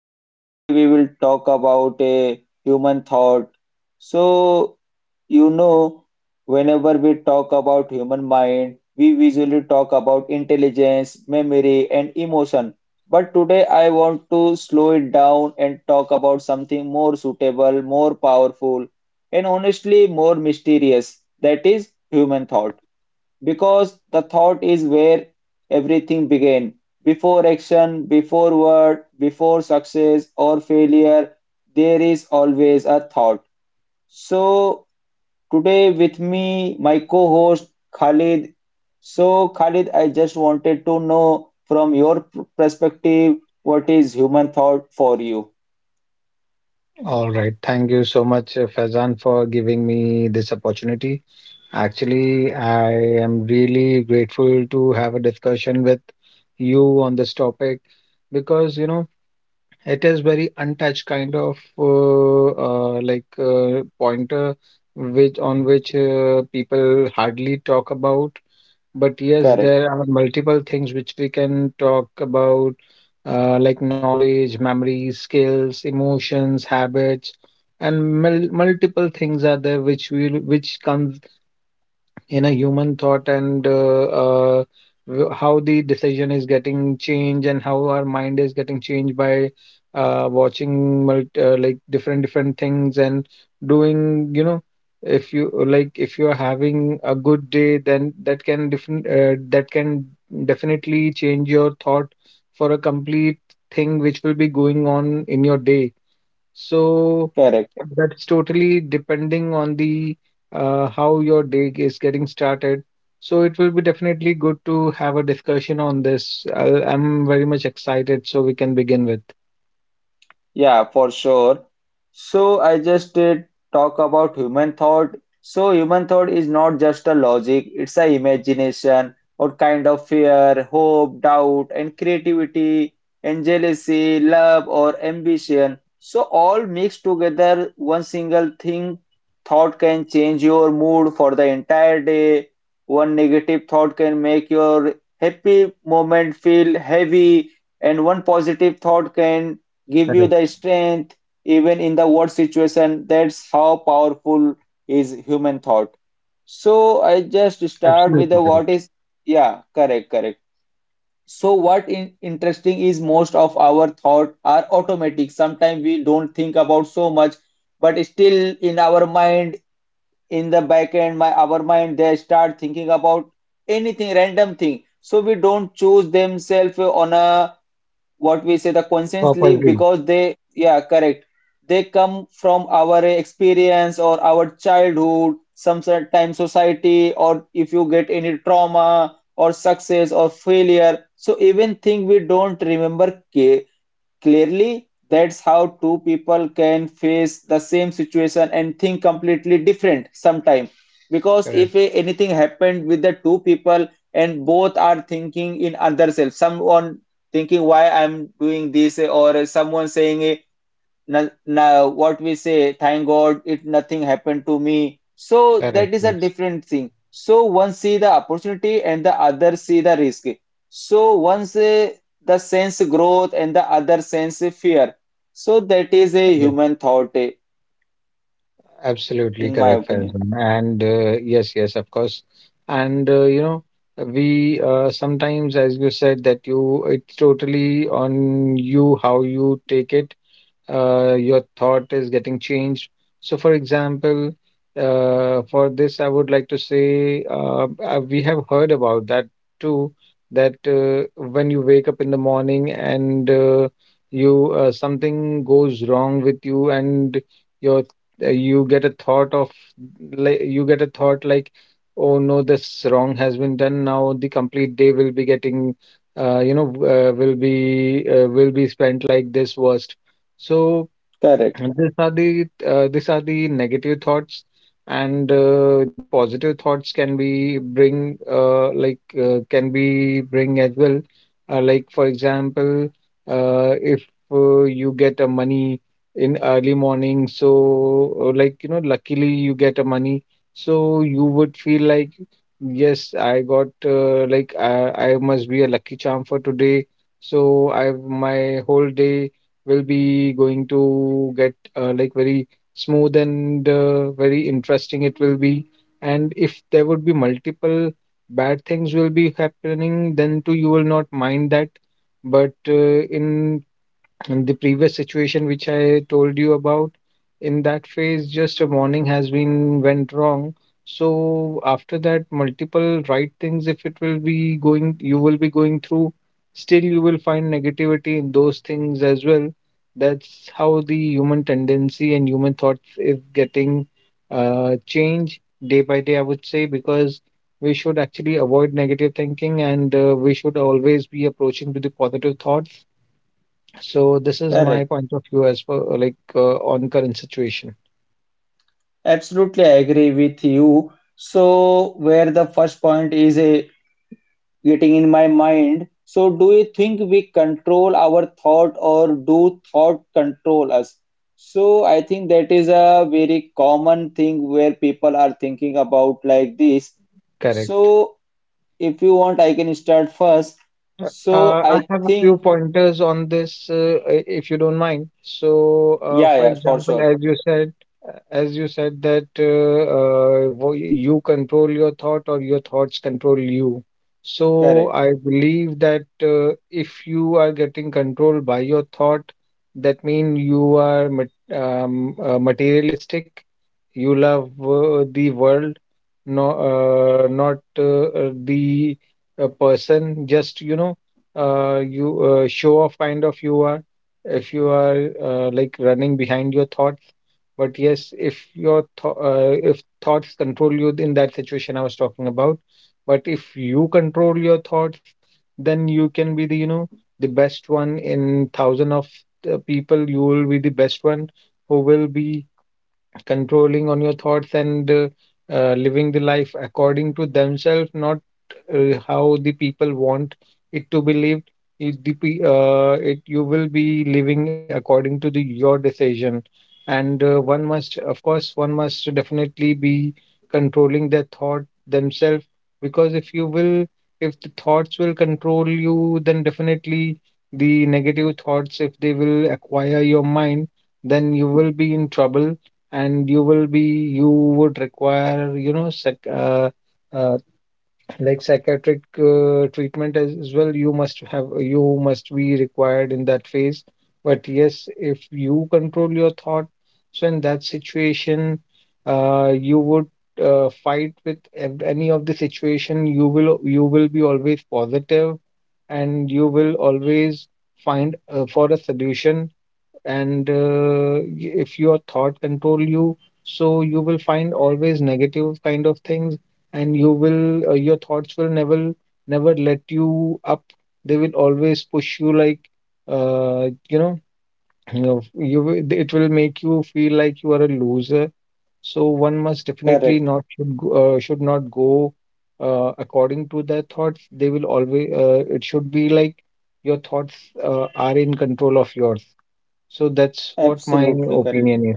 So today we will talk about a human thought. So you know, Whenever we talk about human mind, we usually talk about intelligence, memory, and emotion. But today I want to slow it down and talk about something more suitable, more powerful, and honestly more mysterious. That is human thought. Because the thought is where everything began. Before action, before word, before success or failure, there is always a thought. So, today with me, my co host Khalid. So, Khalid, I just wanted to know from your perspective what is human thought for you? All right. Thank you so much, Faizan, for giving me this opportunity. Actually, I am really grateful to have a discussion with you on this topic because, you know, it is very untouched kind of pointer which on which people hardly talk about. But yes, Correct, there are multiple things which we can talk about, like knowledge, memories, skills, emotions, habits, and multiple things are there which comes in a human thought, and how the decision is getting changed and how our mind is getting changed by watching mult like different different things, and doing you know if you like if you are having a good day, then that can different that can definitely change your thought for a complete thing which will be going on in your day. So correct. that's totally depending on the how your day is getting started. So it will be definitely good to have a discussion on this. I'm very much excited, so we can begin with. Yeah, for sure. So I just did talk about human thought. So human thought is not just a logic, it's a imagination or kind of fear, hope, doubt, and creativity, and jealousy, love, or ambition. So all mixed together, one single thing thought can change your mood for the entire day. One negative thought can make your happy moment feel heavy, and one positive thought can give Correct. you the strength even in the worst situation. That's how powerful is human thought. So I just start Absolutely with the correct. what is, yeah, correct, correct. So what in, interesting is most of our thought are automatic. Sometimes we don't think about so much, but still in our mind, in the back end, my our mind, they start thinking about anything, random thing. So we don't choose themselves on a what we say the conscience leap Purposely. because they, yeah, correct, they come from our experience or our childhood, some society, or if you get any trauma or success or failure, so even thing we don't remember ca- clearly. That's how two people can face the same situation and think completely different sometime. Because if Correct. Anything happened with the two people and both are thinking in other self, someone thinking why I'm doing this, or someone saying no, no, what we say, thank God it nothing happened to me. So Correct. that is a Yes. different thing. So one see the opportunity and the other see the risk. So once the sense growth and the other sense fear. So that is a Yes. human thought, Absolutely in my correct, opinion. Faizan. And yes, yes, of course. And you know, we sometimes, as you said, that you it's totally on you how you take it. Your thought is getting changed. So, for example, for this, I would like to say we have heard about that too. That when you wake up in the morning, and you something goes wrong with you, and your you get a thought of like you get a thought like, oh no, this wrong has been done. Now the complete day will be getting. You know, will be spent like this was so, Correct, and these are the negative thoughts, and the positive thoughts can be bring can be bring as well. Like for example, if you get a money in early morning, so like you know, luckily you get a money, so you would feel like yes, I got like I must be a lucky charm for today. So I my whole day will be going to get like very smooth, and very interesting it will be, and if there would be multiple bad things will be happening, then too you will not mind that, but in and the previous situation which I told you about, in that phase, just a warning has been went wrong. So after that, multiple right things, if it will be going, you will be going through, still you will find negativity in those things as well. That's how the human tendency and human thoughts is getting change day by day, I would say, because we should actually avoid negative thinking, and we should always be approaching to the positive thoughts. So this is my correct. point of view as for on current situation. Absolutely, I agree with you. So, where the first point is a getting in my mind. So, do you think we control our thought or do thought control us? So, I think that is a very common thing where people are thinking about like this. Correct. So, if you want, I can start first. So, I I have a few think, pointers on this, if you don't mind. So, yeah, for yeah, for example, sure. As you said that you control your thought or your thoughts control you. So, Correct, I believe that if you are getting controlled by your thought, that means you are materialistic. You love the world, no, not the a person just you know you show off kind of you are if you are like running behind your thoughts, but yes if your th- if thoughts control you in that situation I was talking about, but if you control your thoughts, then you can be the you know the best one in thousand of the people. You will be the best one who will be controlling on your thoughts, and living the life according to themselves, not how the people want it to be lived. It, the, pe- it You will be living according to the your decision, and one must, of course, one must definitely be controlling their thought themselves, because if you will, if the thoughts will control you, then definitely the negative thoughts, if they will acquire your mind, then you will be in trouble, and you will be you would require you know uh, psychiatric treatment as well. You must have you must be required in that phase, but yes if you control your thought, so in that situation you would fight with any of the situation. You will you will be always positive, and you will always find for a solution. And if your thought control you, so you will find always negative kind of things, and you will your thoughts will never never let you up. They will always push you like you know you know, you will- it will make you feel like you are a loser. So one must definitely correct, not should go, should not go according to their thoughts. They will always it should be like your thoughts are in control of yours. So that's what my absolutely correct. opinion is.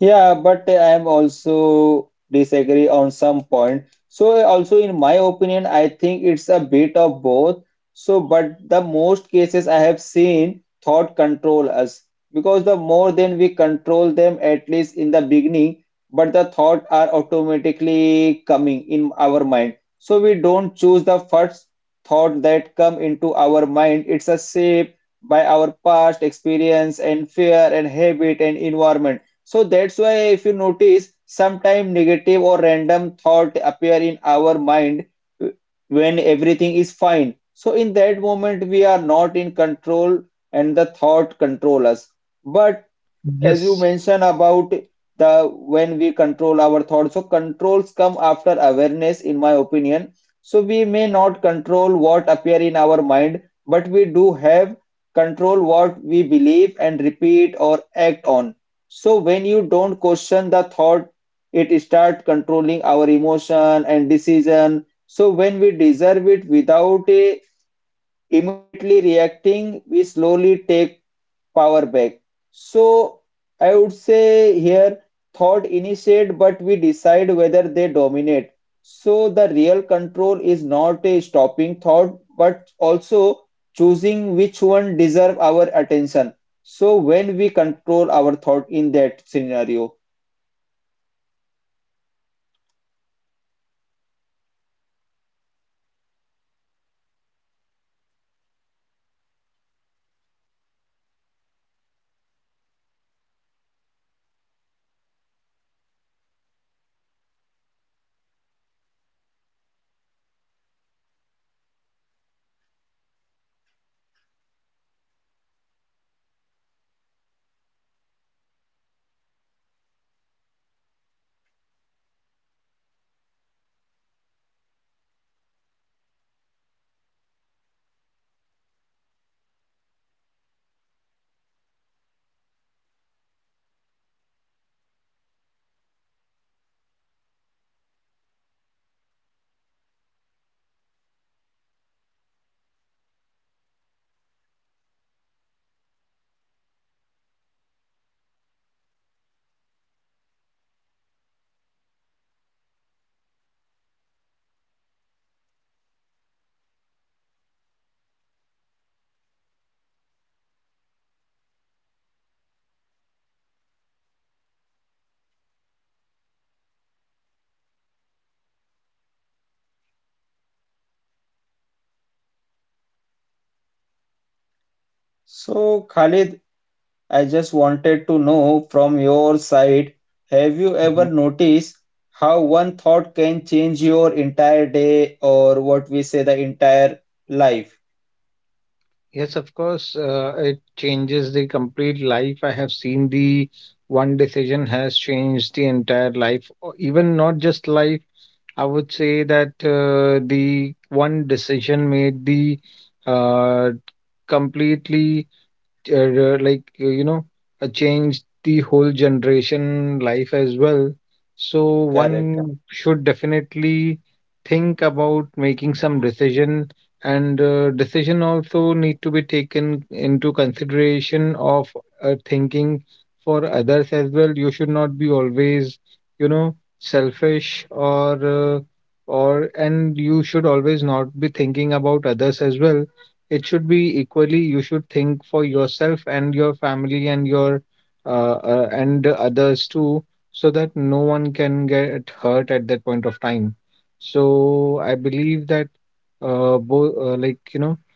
Yeah, but I am also disagree on some point. So also in my opinion, I think it's a bit of both. So but the most cases I have seen thought control us because the more than we control them at least in the beginning, but the thought are automatically coming in our mind. So we don't choose the first thought that come into our mind. It's a shape by our past experience and fear and habit and environment, so that's why if you notice, sometimes negative or random thought appear in our mind when everything is fine. So in that moment, we are not in control and the thought control us. But as Yes. you mentioned about the when we control our thoughts, so controls come after awareness in my opinion. So we may not control what appear in our mind, but we do have control what we believe and repeat or act on. So when you don't question the thought, it start controlling our emotion and decision. So when we deserve it without immediately reacting, we slowly take power back. So I would say here thought initiate, but we decide whether they dominate. So the real control is not a stopping thought, but also choosing which one deserve our attention. So when we control our thought in that scenario. So Khalid, I just wanted to know from your side, have you ever Mhm. noticed how one thought can change your entire day or what we say the entire life? Yes, of course, it changes the complete life. I have seen the one decision has changed the entire life, or even not just life. I would say that the one decision made the uh, completely like you know changed the whole generation life as well. So Correct. one should definitely think about making some decision, and decision also need to be taken into consideration of thinking for others as well. You should not be always, you know, selfish or uh, and you should always not be thinking about others as well. It should be equally. You should think for yourself and your family and your and the others too, so that no one can get hurt at that point of time. So I believe that you know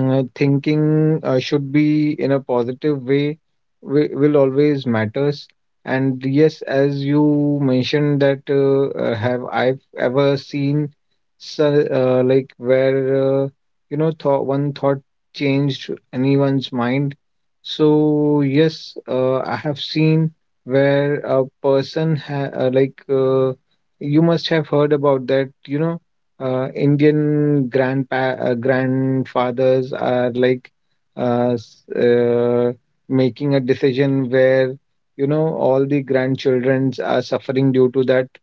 Mm, thinking should be in a positive way will always matters. And yes as you mentioned that have I've ever seen so, like where you know thought one thought changed anyone's mind, so yes I have seen where a person you must have heard about that you know Indian grandpa grandfathers are like uh, s- uh, making a decision where you know all the grandchildrens are suffering due to that.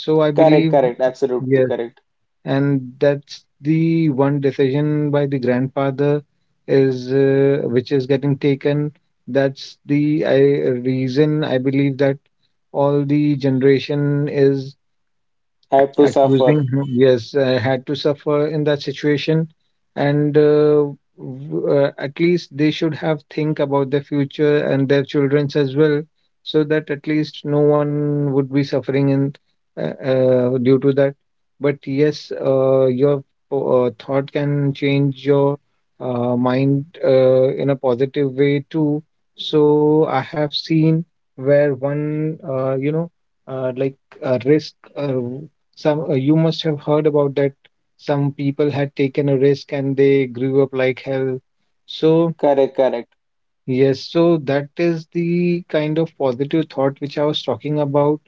So I Correct, believe correct, absolutely yes, correct. and that's the one decision by the grandfather is which is getting taken. That's the I, reason I believe that all the generation is Have to suffer. accusing him. Yes had to suffer in that situation, and at least they should have think about their future and their children's as well, so that at least no one would be suffering in due to that. But yes your thought can change your mind in a positive way too. So I have seen where one you know uh, like a risk some you must have heard about that. Some people had taken a risk and they grew up like hell. So Correct, correct. yes, so that is the kind of positive thought which I was talking about,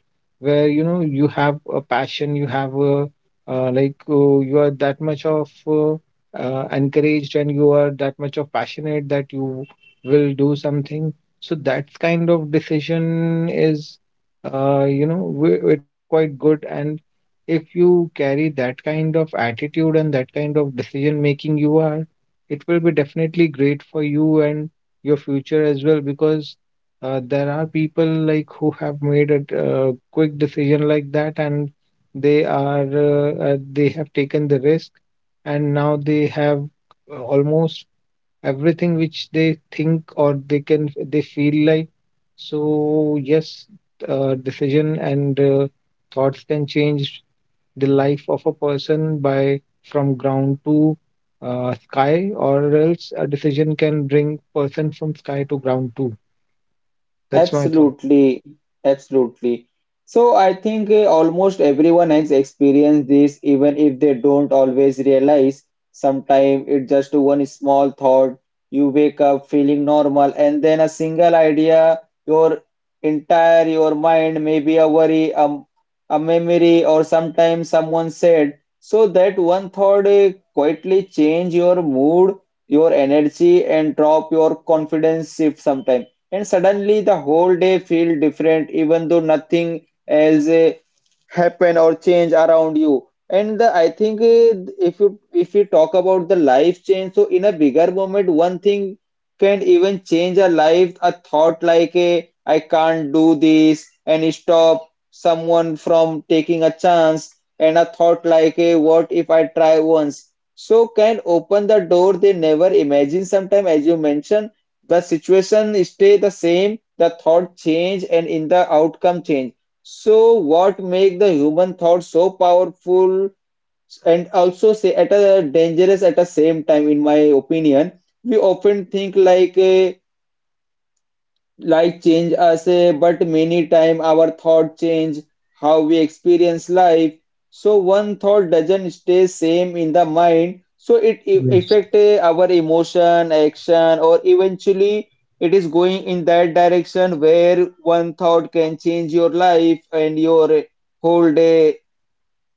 where you know you have a passion, you have a you are that much of encouraged and you are that much of passionate that you will do something. So that kind of decision is, you know, it is quite good. And if you carry that kind of attitude and that kind of decision making you are, it will be definitely great for you and your future as well, because there are people like who have made a quick decision like that, and they are they have taken the risk, and now they have almost everything which they think or they can they feel like. So yes decision and thoughts can change the life of a person by from ground to sky, or else a decision can bring person from sky to ground too. That's my thought. Absolutely, absolutely. So I think almost everyone has experienced this, even if they don't always realize. Sometimes it's just one small thought. You wake up feeling normal, and then a single idea, your entire your mind, maybe a worry, a memory, or sometimes someone said. So that one thought quietly change your mood, your energy, and drop your confidence if sometimes, and suddenly the whole day feel different even though nothing else happen or change around you. And I think if you talk about the life change, so in a bigger moment one thing can even change a life. A thought like a I can't do this and stop someone from taking a chance, and a thought like a what if I try once, so can open the door they never imagine. Sometimes, as you mentioned, the situation stay the same, the thought change and in the outcome change. So what make the human thought so powerful and also say at a dangerous at the same time, in my opinion, we often think like life change us, but many time our thought change how we experience life. So one thought doesn't stay same in the mind. So it Yes. affect our emotion, action, or eventually it is going in that direction where one thought can change your life and your whole day.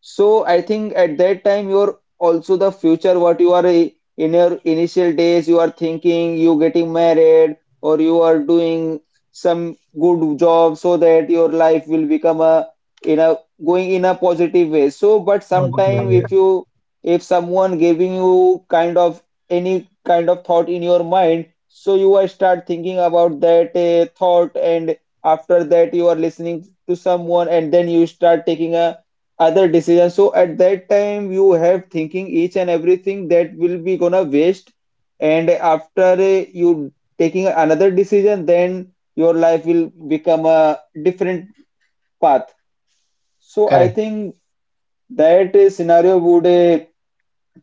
So I think at that time you're also the future what you are in your initial days you are thinking you getting married or you are doing some good job, so that your life will become a in a going in a positive way. So but sometime if Okay. you, if someone giving you kind of any kind of thought in your mind, so you are start thinking about that thought, and after that you are listening to someone and then you start taking a other decisions. So at that time, you have thinking each and everything that will be gonna waste. And after you taking another decision, then your life will become a different path. So I Correct. think that scenario would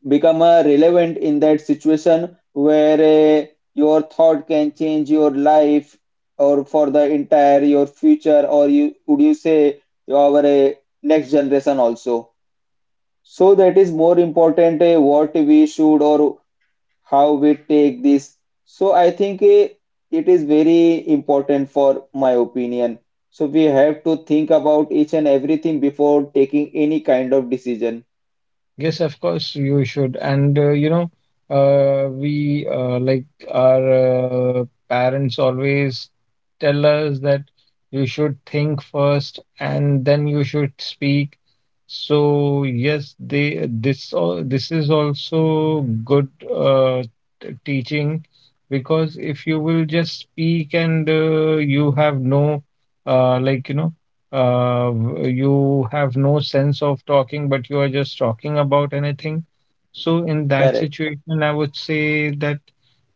become relevant in that situation where your thought can change your life or for the entire your future, or you would you say your next generation also. So that is more important, what we should or how we take this. So I think, it is very important for my opinion. So we have to think about each and everything before taking any kind of decision. Yes, of course you should. And you know, we like our parents always tell us that you should think first and then you should speak. So yes, they this this is also good uh, teaching, because if you will just speak and you have no like you know you have no sense of talking, but you are just talking about anything. So in that Correct. situation, I would say that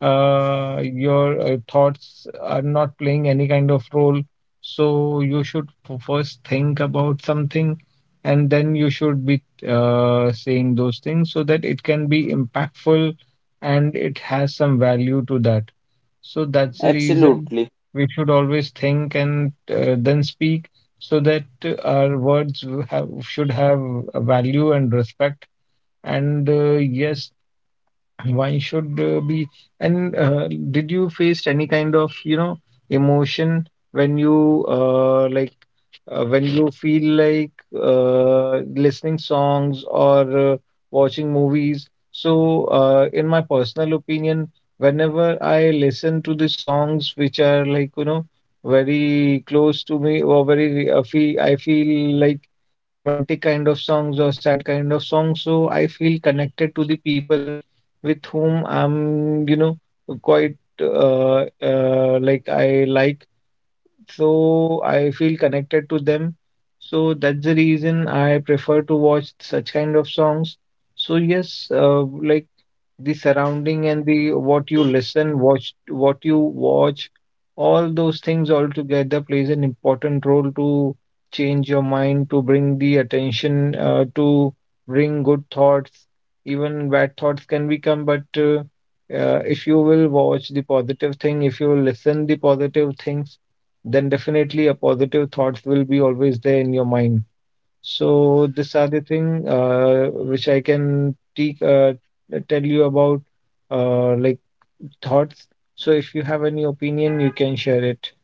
your thoughts are not playing any kind of role. So you should first think about something, and then you should be saying those things so that it can be impactful and it has some value to that. So that's the reason Absolutely. we should always think and then speak so that our words have, should have a value and respect. And yes, one should be. And did you faced any kind of, you know, emotion when you like when you feel like listening songs or watching movies. So, in my personal opinion, whenever I listen to the songs which are like, you know, very close to me or very, I feel like romantic kind of songs or sad kind of songs. So, I feel connected to the people with whom I'm, you know, quite like I like so I feel connected to them. So that's the reason I prefer to watch such kind of songs. So yes, like the surrounding and the what you listen, watch, what you watch, all those things all together plays an important role to change your mind, to bring the attention, to bring good thoughts. Even bad thoughts can become, but if you will watch the positive thing, if you will listen the positive things, then definitely a positive thoughts will be always there in your mind. So this other thing which I can te tell you about uh, like thoughts. So if you have any opinion, you can share it.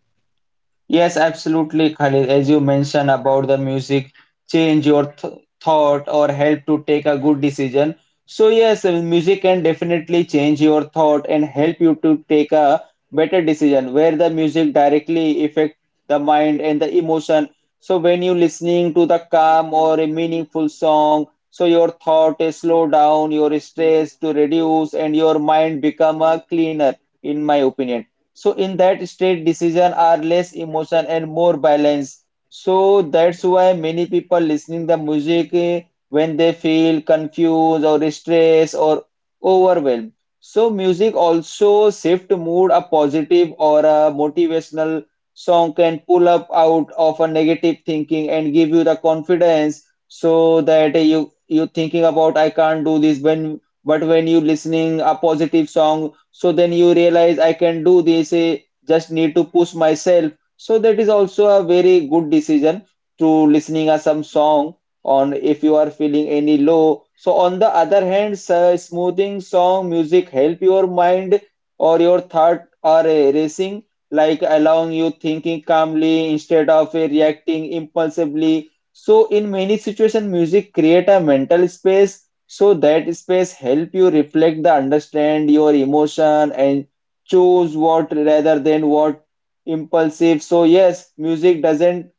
Yes, absolutely, Khalid. As you mentioned about the music, change your th thought or help to take a good decision. So yes, music can definitely change your thought and help you to take a better decision where the music directly affect the mind and the emotion. So when you listening to the calm or a meaningful song, so your thought is slow down, your stress to reduce and your mind become a cleaner, in my opinion. So in that state, decisions are less emotion and more balance. So that's why many people listening the music when they feel confused or stressed or overwhelmed. So music also shift mood. A positive or a motivational song can pull up out of a negative thinking and give you the confidence so that you thinking about I can't do this when, but when you listening a positive song, so then you realize I can do this, I just need to push myself. So that is also a very good decision to listening a some song on if you are feeling any low. So on the other hand, so smoothing song music help your mind or your thought are racing, like allowing you thinking calmly instead of reacting impulsively. So in many situations music create a mental space, so that space help you reflect the understand your emotion and choose what rather than what impulsive. So yes, music doesn't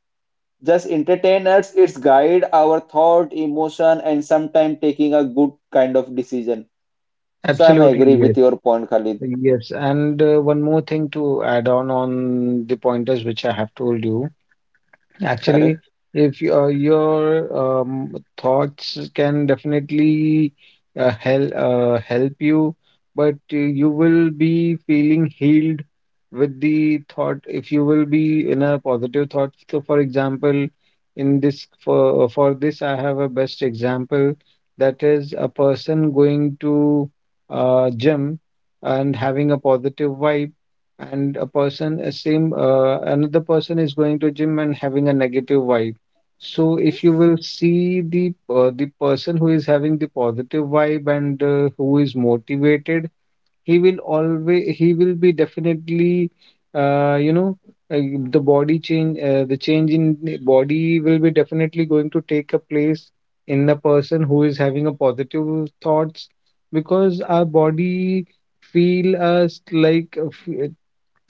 just entertain us, it's guide our thought, emotion, and sometimes taking a good kind of decision. So I'm Absolutely, agree yes. with your point, Khalid. Yes. And one more thing to add on the pointers which I have told you. Actually, Correct. if your thoughts can definitely help you, but you will be feeling healed with the thought if you will be in a positive thought. So, for example, in this for this, I have a best example that is a person going to gym and having a positive vibe and a person a same another person is going to gym and having a negative vibe so if you will see the person who is having the positive vibe and who is motivated he will be definitely uh, you know uh, the change in the body will be definitely going to take a place in the person who is having a positive thoughts because our body feel us like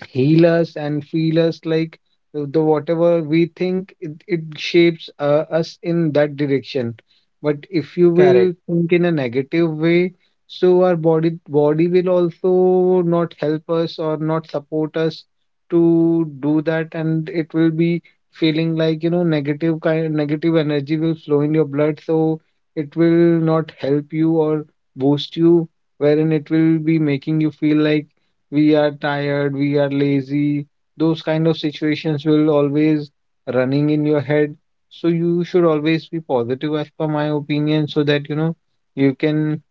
heal us and feel us like the whatever we think it shapes us in that direction but if you will Correct, think in a negative way so our body will also not help us or not support us to do that and it will be feeling like you know negative energy will flow in your blood so it will not help you or boost you wherein it will be making you feel like we are tired, we are lazy. Those kind of situations will always running in your head. So you should always be positive as per my opinion so that you know you can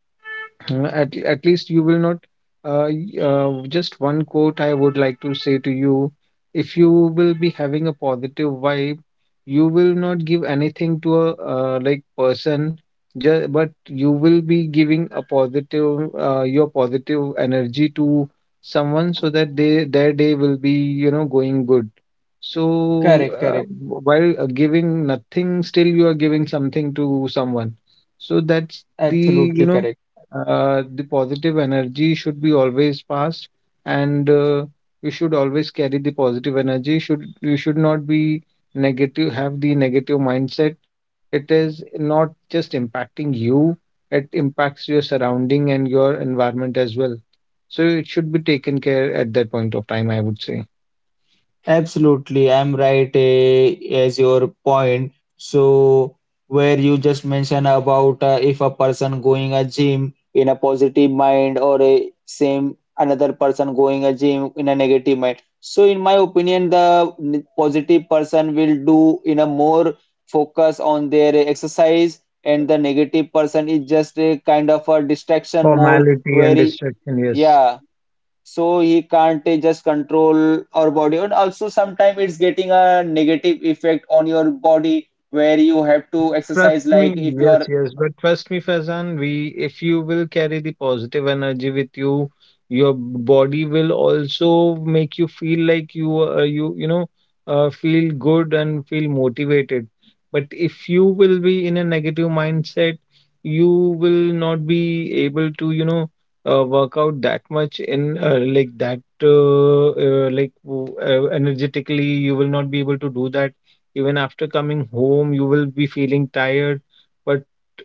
At least you will not. Just one quote I would like to say to you. If you will be having a positive vibe, you will not give anything to a like person, but you will be giving your positive energy to someone so that they their day will be, you know, going good. So correct, correct. w- while giving nothing, still you are giving something to someone. So that's the, you Absolutely know correct. The positive energy should be always passed and you should always carry the positive energy should you should not be negative have the negative mindset it is not just impacting you it impacts your surrounding and your environment as well so it should be taken care at that point of time I would say Absolutely, I'm right, as your point. So where you just mentioned about if a person going a gym in a positive mind or a same another person going a gym in a negative mind. So in my opinion, the positive person will do in a more focus on their exercise, and the negative person is just a kind of a distraction mode formality where and distraction yes yeah, so he can't just control our body and also sometimes it's getting a negative effect on your body where you have But to exercise trust me, like if yes, you're yes. But trust me, Faizan, we if you will carry the positive energy with you, your body will also make you feel like feel good and feel motivated. But if you will be in a negative mindset, you will not be able to work out that much in energetically. You will not be able to do that even after coming home you will be feeling tired but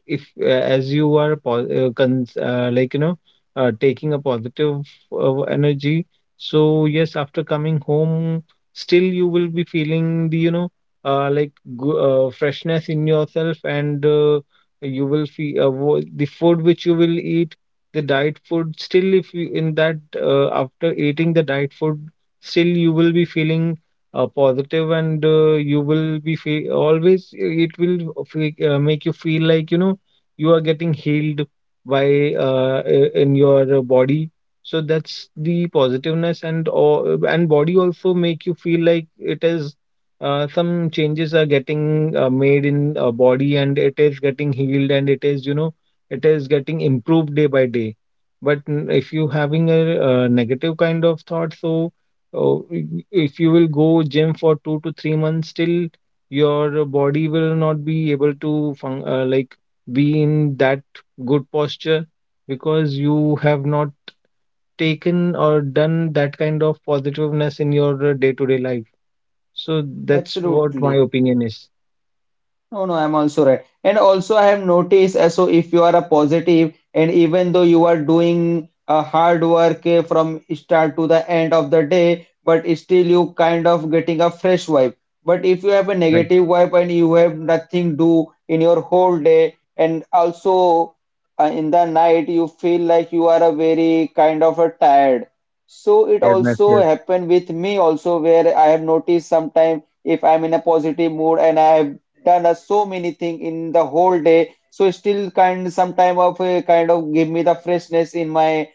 if as you are taking a positive energy so yes after coming home still you will be feeling the you know uh, like go- freshness in yourself and you will feel the food which you will eat the diet food still if you in that after eating the diet food still you will be feeling positive and you will be always it will make you feel like you know you are getting healed by in your body so that's the positiveness and or and body also make you feel like it is some changes are getting made in body and it is getting healed and it is you know it is getting improved day by day but if you having a, negative kind of thought so Oh, if you will go gym for 2 to 3 months, still your body will not be able to fun like be in that good posture because you have not taken or done that kind of positiveness in your day-to-day life. So that's what absolutely my opinion is. no, no, I'm also right. And also, I have noticed so if you are a positive, and even though you are doing a hard work from start to the end of the day, but still you kind of getting a fresh vibe. But if you have a Correct. negative vibe and you have nothing do in your whole day, and also in the night you feel like you are a very kind of a tired. So it Tiredness, also yes. happened with me also where I have noticed sometimes if I'm in a positive mood and I have done so many thing in the whole day so still kind some time of kind of give me the freshness in my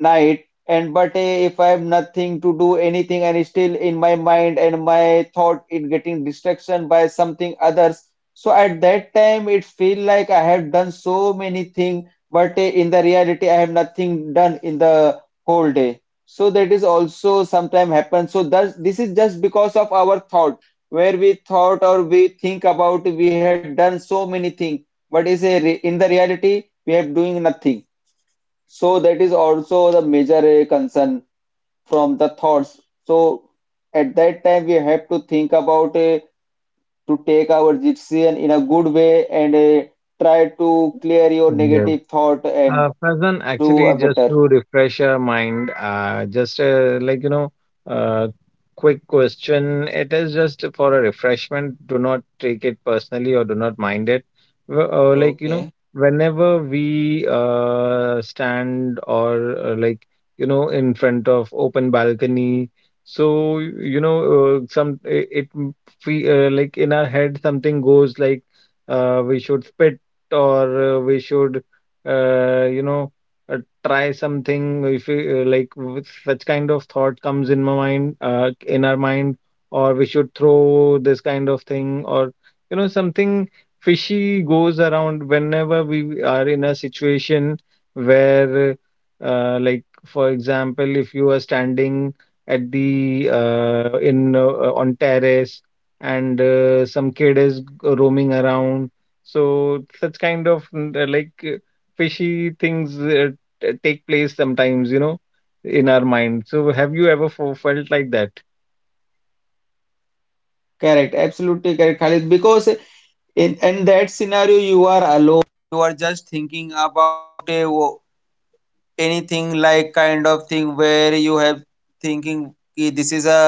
night and but if I have nothing to do anything and still in my mind and my thought it getting distraction by something others so at that time it feel like I have done so many thing but in the reality I have nothing done in the whole day so that is also sometime happen so thus this is just because of our thought where we thought or we think about we have done so many thing but is a in the reality we have doing nothing so that is also the major concern from the thoughts. So at that time we have to think about to take our decision in a good way and try to clear your Yes. negative thought and Faizan, do actually, a just better. to refresh your mind, just uh, quick question. It is just for a refreshment. Do not take it personally or do not mind it. W- Uh, like you know, Okay, whenever we stand or in front of open balcony, so you know some it, it m- fe- like in our head something goes like we should spit or we should uh, you know uh, try something if you, like with such kind of thought comes in my mind in our mind or we should throw this kind of thing or you know something fishy goes around whenever we are in a situation where like for example if you are standing at the in on terrace and some kid is roaming around so such kind of fishy things take place sometimes, you know, in our mind. So have you ever felt like that? correct, absolutely correct, Khalid. Because in that scenario you are alone. You are just thinking about anything like kind of thing where you have thinking "Ki this is a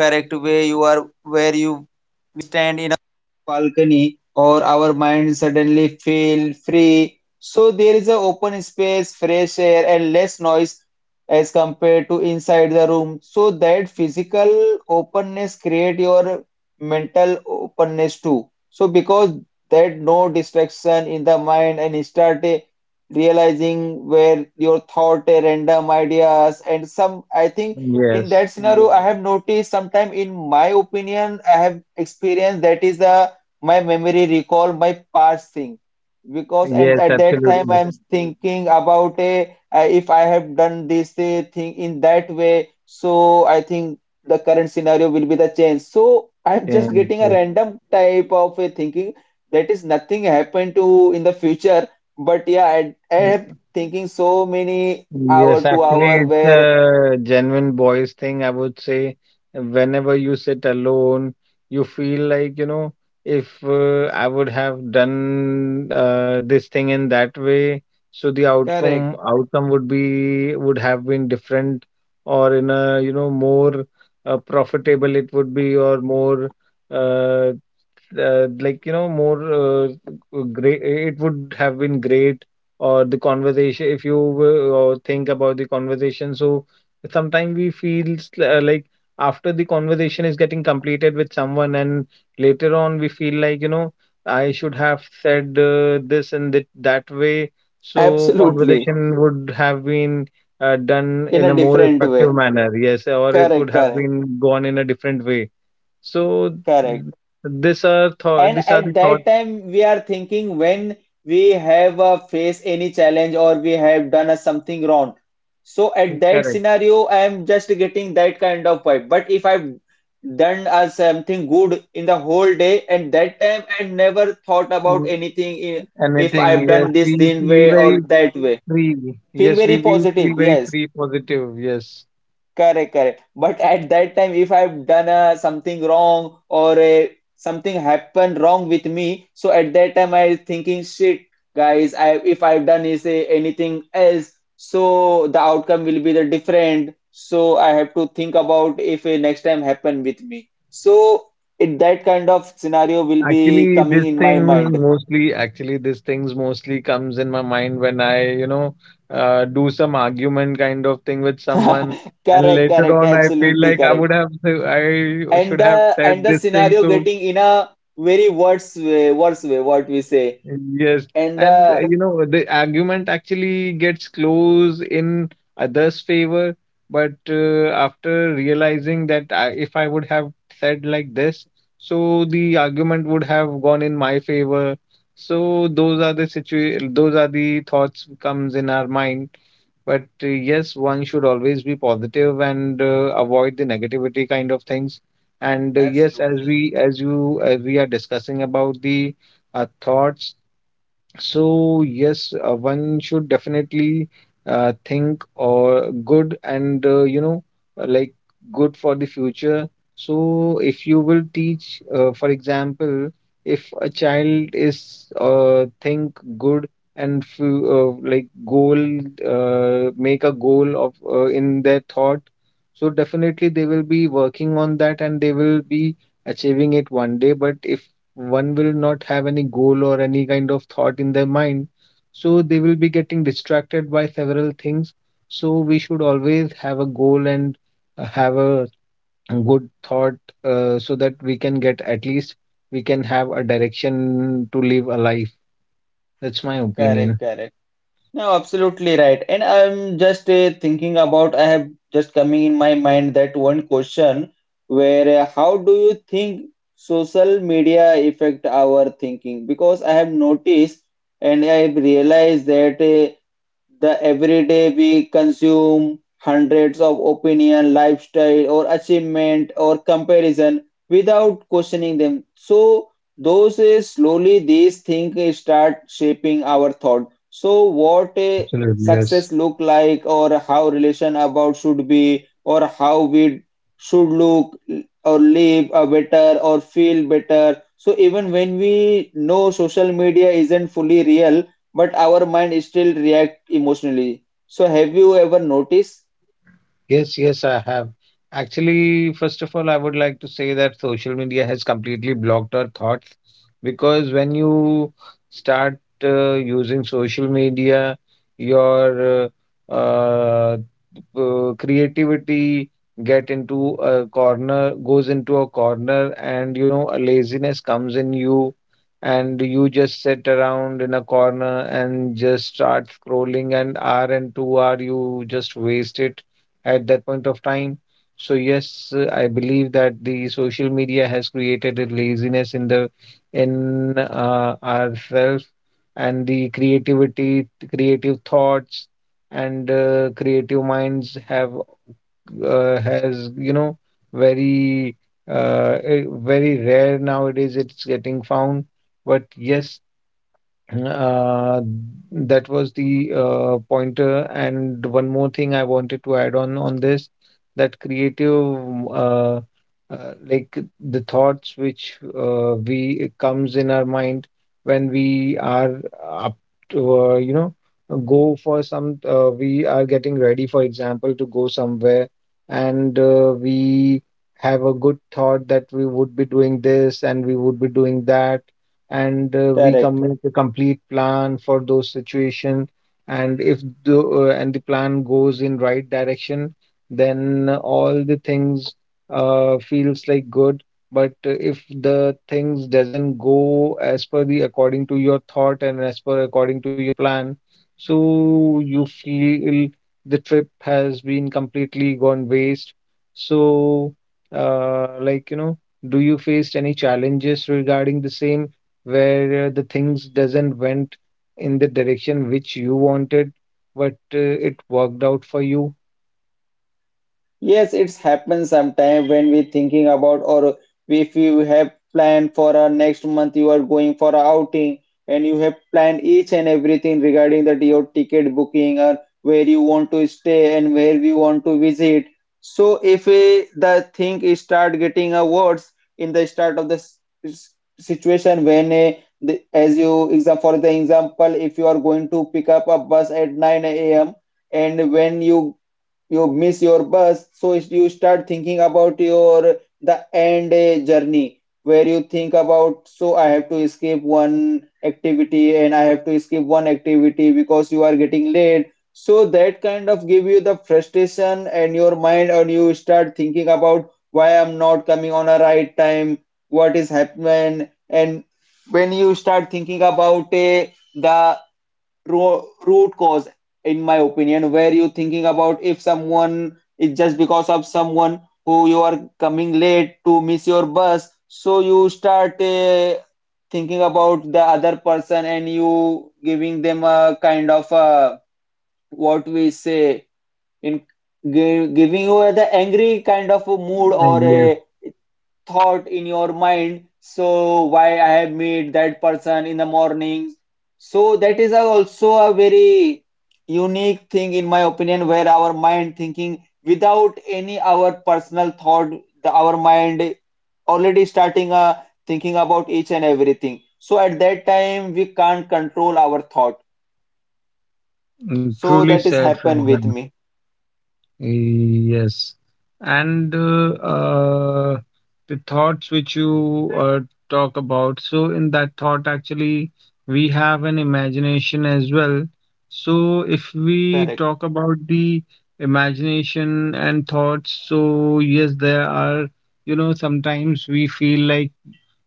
correct way you are where you we stand in balcony or our mind suddenly feel free. So there is a open space, fresh air and less noise as compared to inside the room. So that physical openness create your mental openness too. So because that no distraction in the mind and start realizing where your thought random ideas and some I think in Yes. that scenario. Yeah. I have noticed sometime in my opinion I have experienced that is the my memory recall my past thing because and Yes, at that time, yes, absolutely. I'm thinking about a if I have done this thing in that way so I think the current scenario will be the change so I'm just And getting a random type of a thinking that is nothing happened to in the future but yeah I am yes. thinking so many hour Yes, to actually, hour it's where a genuine boys thing, I would say. Whenever you sit alone, you feel like, you know, if I would have done this thing in that way, so the correct. Outcome would have been different, or in a, you know, more profitable it would be, or more uh, uh, like you know more uh, great it would have been great or the conversation if you think about the conversation so sometimes we feel uh, like after the conversation is getting completed with someone and later on we feel like you know I should have said this and that, that way so Absolutely. conversation would have been done In in a a more different effective way. manner yes or it would Correct, have correct, been gone in a different way so correct. th- And these are the at thoughts that time, we are thinking when we have faced any challenge or we have done a something wrong. So at that correct. scenario, I am just getting that kind of vibe. But if I've done something good in the whole day, and that time I never thought about Mm, anything if Anything, I've yes, done this we this feel way or very that way. free. Feel Yes, very we positive, feel very yes. free, positive, yes. Correct, correct. But at that time, if I've done something wrong or something happened wrong with me, so at that time I was thinking, shit, guys, I if I've done is anything else, so the outcome will be the different. So I have to think about if next time happen with me. So it that kind of scenario will be Actually, coming in my mind. Actually, these things mostly comes in my mind when I, you know, do some argument kind of thing with someone, and Correct, later correct, on I feel absolutely like correct. I And should have the and said the this thing scenario to getting in a very worse way, what we say, Yes, and and the you know the argument actually gets close in others' favor, but after realizing that if I would have said like this, so the argument would have gone in my favor. So those are the situ those are the thoughts comes in our mind but yes, one should always be positive and avoid the negativity kind of things. And yes, absolutely. As we are discussing about the thoughts so yes, one should definitely think or good and uh, like good for the future. So if you will teach, for example, if a child is think good and fu- like goal make a goal of in their thought, so definitely they will be working on that and they will be achieving it one day. But if one will not have any goal or any kind of thought in their mind, so they will be getting distracted by several things. So we should always have a goal and have a good thought so that we can get at least we can have a direction to live a life. That's my Correct, opinion. correct. No, absolutely right. And I'm just thinking about, I have just coming in my mind that one question where how do you think social media affect our thinking? Because I have noticed and I've realized that the every day we consume hundreds of opinion, lifestyle, or achievement or comparison without questioning them. So those slowly these things start shaping our thought. So what a Absolutely, yes. success look like, or how relation about should be, or how we should look or live a better or feel better. So even when we know social media isn't fully real but our mind still react emotionally. So have you ever noticed? Yes, yes, I have. Actually, first of all, I would like to say that social media has completely blocked our thoughts, because when you start using social media, your uh, uh, creativity get into a corner, goes into a corner, and you know, a laziness comes in you, and you just sit around in a corner and just start scrolling, and hour and two hour you just waste it at that point of time. So yes, I believe that the social media has created a laziness in the in ourselves, and the creativity, creative thoughts, and creative minds have has, you know, very very rare nowadays. It's getting found, but yes, uh, that was the pointer. And one more thing I wanted to add on this, that creative, uh, like the thoughts which we it comes in our mind when we are up to, you know, go for some. We are getting ready, for example, to go somewhere, and we have a good thought that we would be doing this and we would be doing that, and we Correct. come with a complete plan for those situation. And if the and the plan goes in right direction, then all the things feels like good. But if the things doesn't go as per the according to your thought and as per according to your plan, so you feel the trip has been completely gone waste. So like you know, do you faced any challenges regarding the same, where the things doesn't went in the direction which you wanted, but it worked out for you. Yes, it's happened sometime when we thinking about or if you have planned for a next month you are going for a outing and you have planned each and everything regarding that your ticket booking or where you want to stay and where we want to visit. So if the thing is start getting a worse in the start of the s- situation when as you exam for the example if you are going to pick up a bus at 9 a.m. and when you miss your bus so you start thinking about your the end journey where you think about so I have to skip one activity and I have to skip one activity because you are getting late so that kind of give you the frustration and your mind and you start thinking about why I'm not coming on a right time, what is happening, and when you start thinking about the ro root cause, in my opinion, where you thinking about if someone is just because of someone who you are coming late to miss your bus, so you start thinking about the other person and you giving them a kind of uh, what we say, in giving you the angry kind of a mood or Yes, a thought in your mind, so why I have met that person in the morning. So that is also a very unique thing in my opinion where our mind thinking without any our personal thought, the, our mind already starting thinking about each and everything, so at that time we can't control our thought mm, truly so that said, is happen Faizan. with me. Yes. And the thoughts which you talk about, so in that thought, actually, we have an imagination as well. So if we Correct, talk about the imagination and thoughts, so yes, there are, you know, sometimes we feel like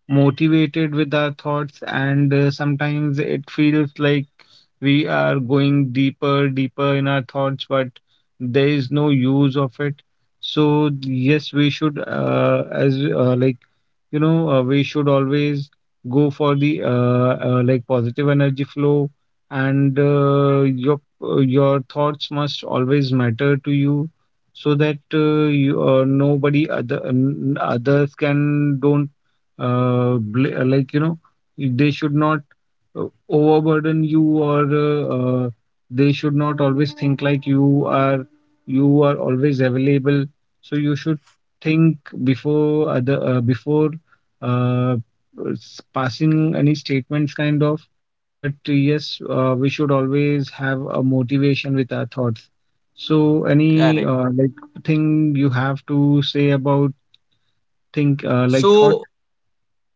motivated with our thoughts, and sometimes it feels like we are going deeper, deeper in our thoughts, but there is no use of it. So, yes, we should, as like you know, we should always go for the like positive energy flow, and your thoughts must always matter to you, so that you nobody other others can don't like you know, they should not uh, overburden you, or uh, they should not always think like you are always available, so you should think before other before uh, passing any statements kind of. But yes, we should always have a motivation with our thoughts. So any correct. Like thing you have to say about think like thought. So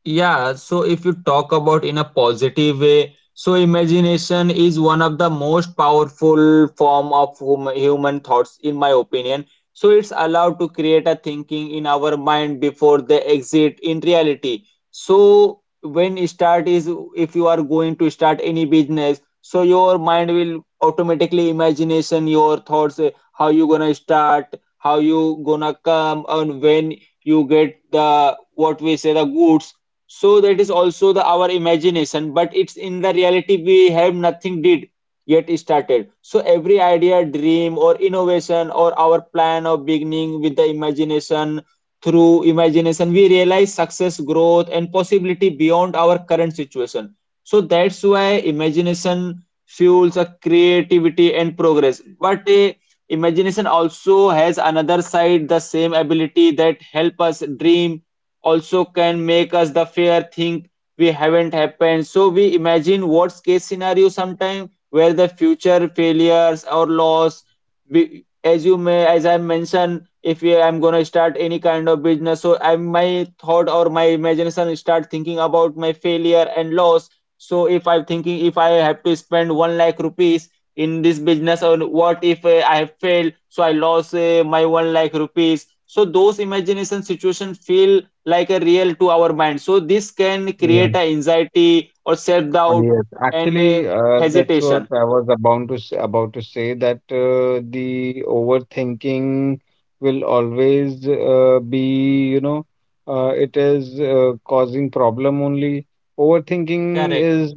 yeah, so if you talk about in a positive way, so imagination is one of the most powerful form of human thoughts, in my opinion. So it's allowed to create a thinking in our mind before they exit in reality. So when you start is if you are going to start any business, so your mind will automatically imagination your thoughts, how you gonna start, how you gonna come, and when you get the what we say the goods, so that is also the our imagination, but it's in the reality we have nothing did yet started. So every idea, dream, or innovation, or our plan of beginning with the imagination through imagination, we realize success, growth, and possibility beyond our current situation. So that's why imagination fuels a creativity and progress. But a imagination also has another side, the same ability that help us dream also can make us the fear think we haven't happened so we imagine worst case scenario sometime where the future failures or loss we, as you may as I mentioned if I'm going to start any kind of business so I my thought or my imagination start thinking about my failure and loss, so if I'm thinking if I have to spend 1 lakh rupees in this business or what if I have failed so I lost my 1 lakh rupees, so those imagination situations feel like a real to our mind. So this can create a anxiety or self doubt Yes, and actually, a that's what hesitation. I was about to say that the overthinking will always be, you know, it is causing problem only. Overthinking Correct. is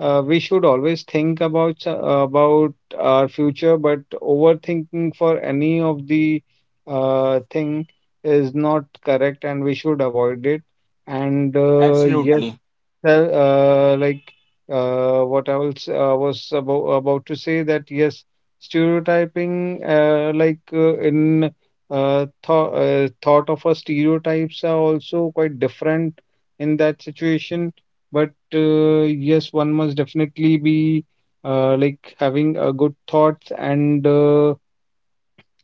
we should always think about about our future, but overthinking for any of the thing is not correct, and we should avoid it. And yes, Absolutely well, like what I was about to say that yes, stereotyping like in thought of us, stereotypes are also quite different in that situation. But yes, one must definitely be like having a good thoughts, and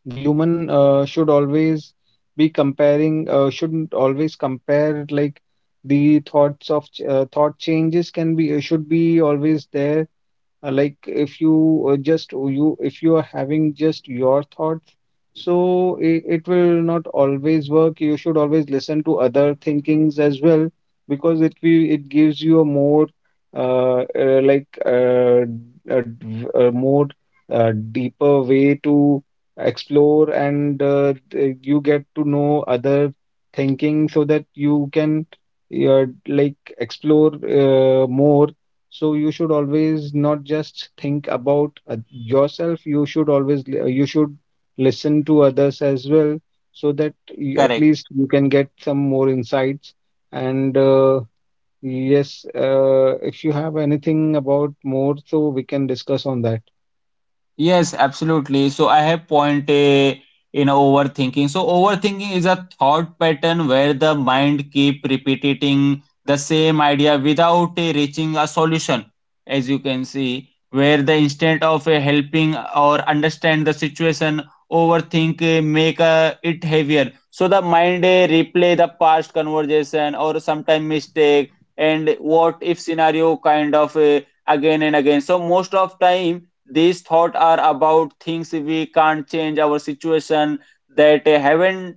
the human should always be comparing shouldn't always compare like the thoughts of thought changes can be should be always there. Like if you just oh, you if you are having just your thoughts, so it will not always work. You should always listen to other thinkings as well, because it gives you a more like a, a more deeper way to explore, and you get to know other thinking, so that you can like explore more. So you should always not just think about yourself, you should always you should listen to others as well, so that at correct. least you can get some more insights. And yes, if you have anything about more, so we can discuss on that. Yes, absolutely. So I have point A in overthinking. So overthinking is a thought pattern where the mind keep repeating the same idea without a reaching a solution, as you can see, where the instead of a helping or understand the situation, overthink make it heavier. So the mind replay the past conversation or sometime mistake and what if scenario kind of again and again. So most of time these thoughts are about things we can't change our situation that haven't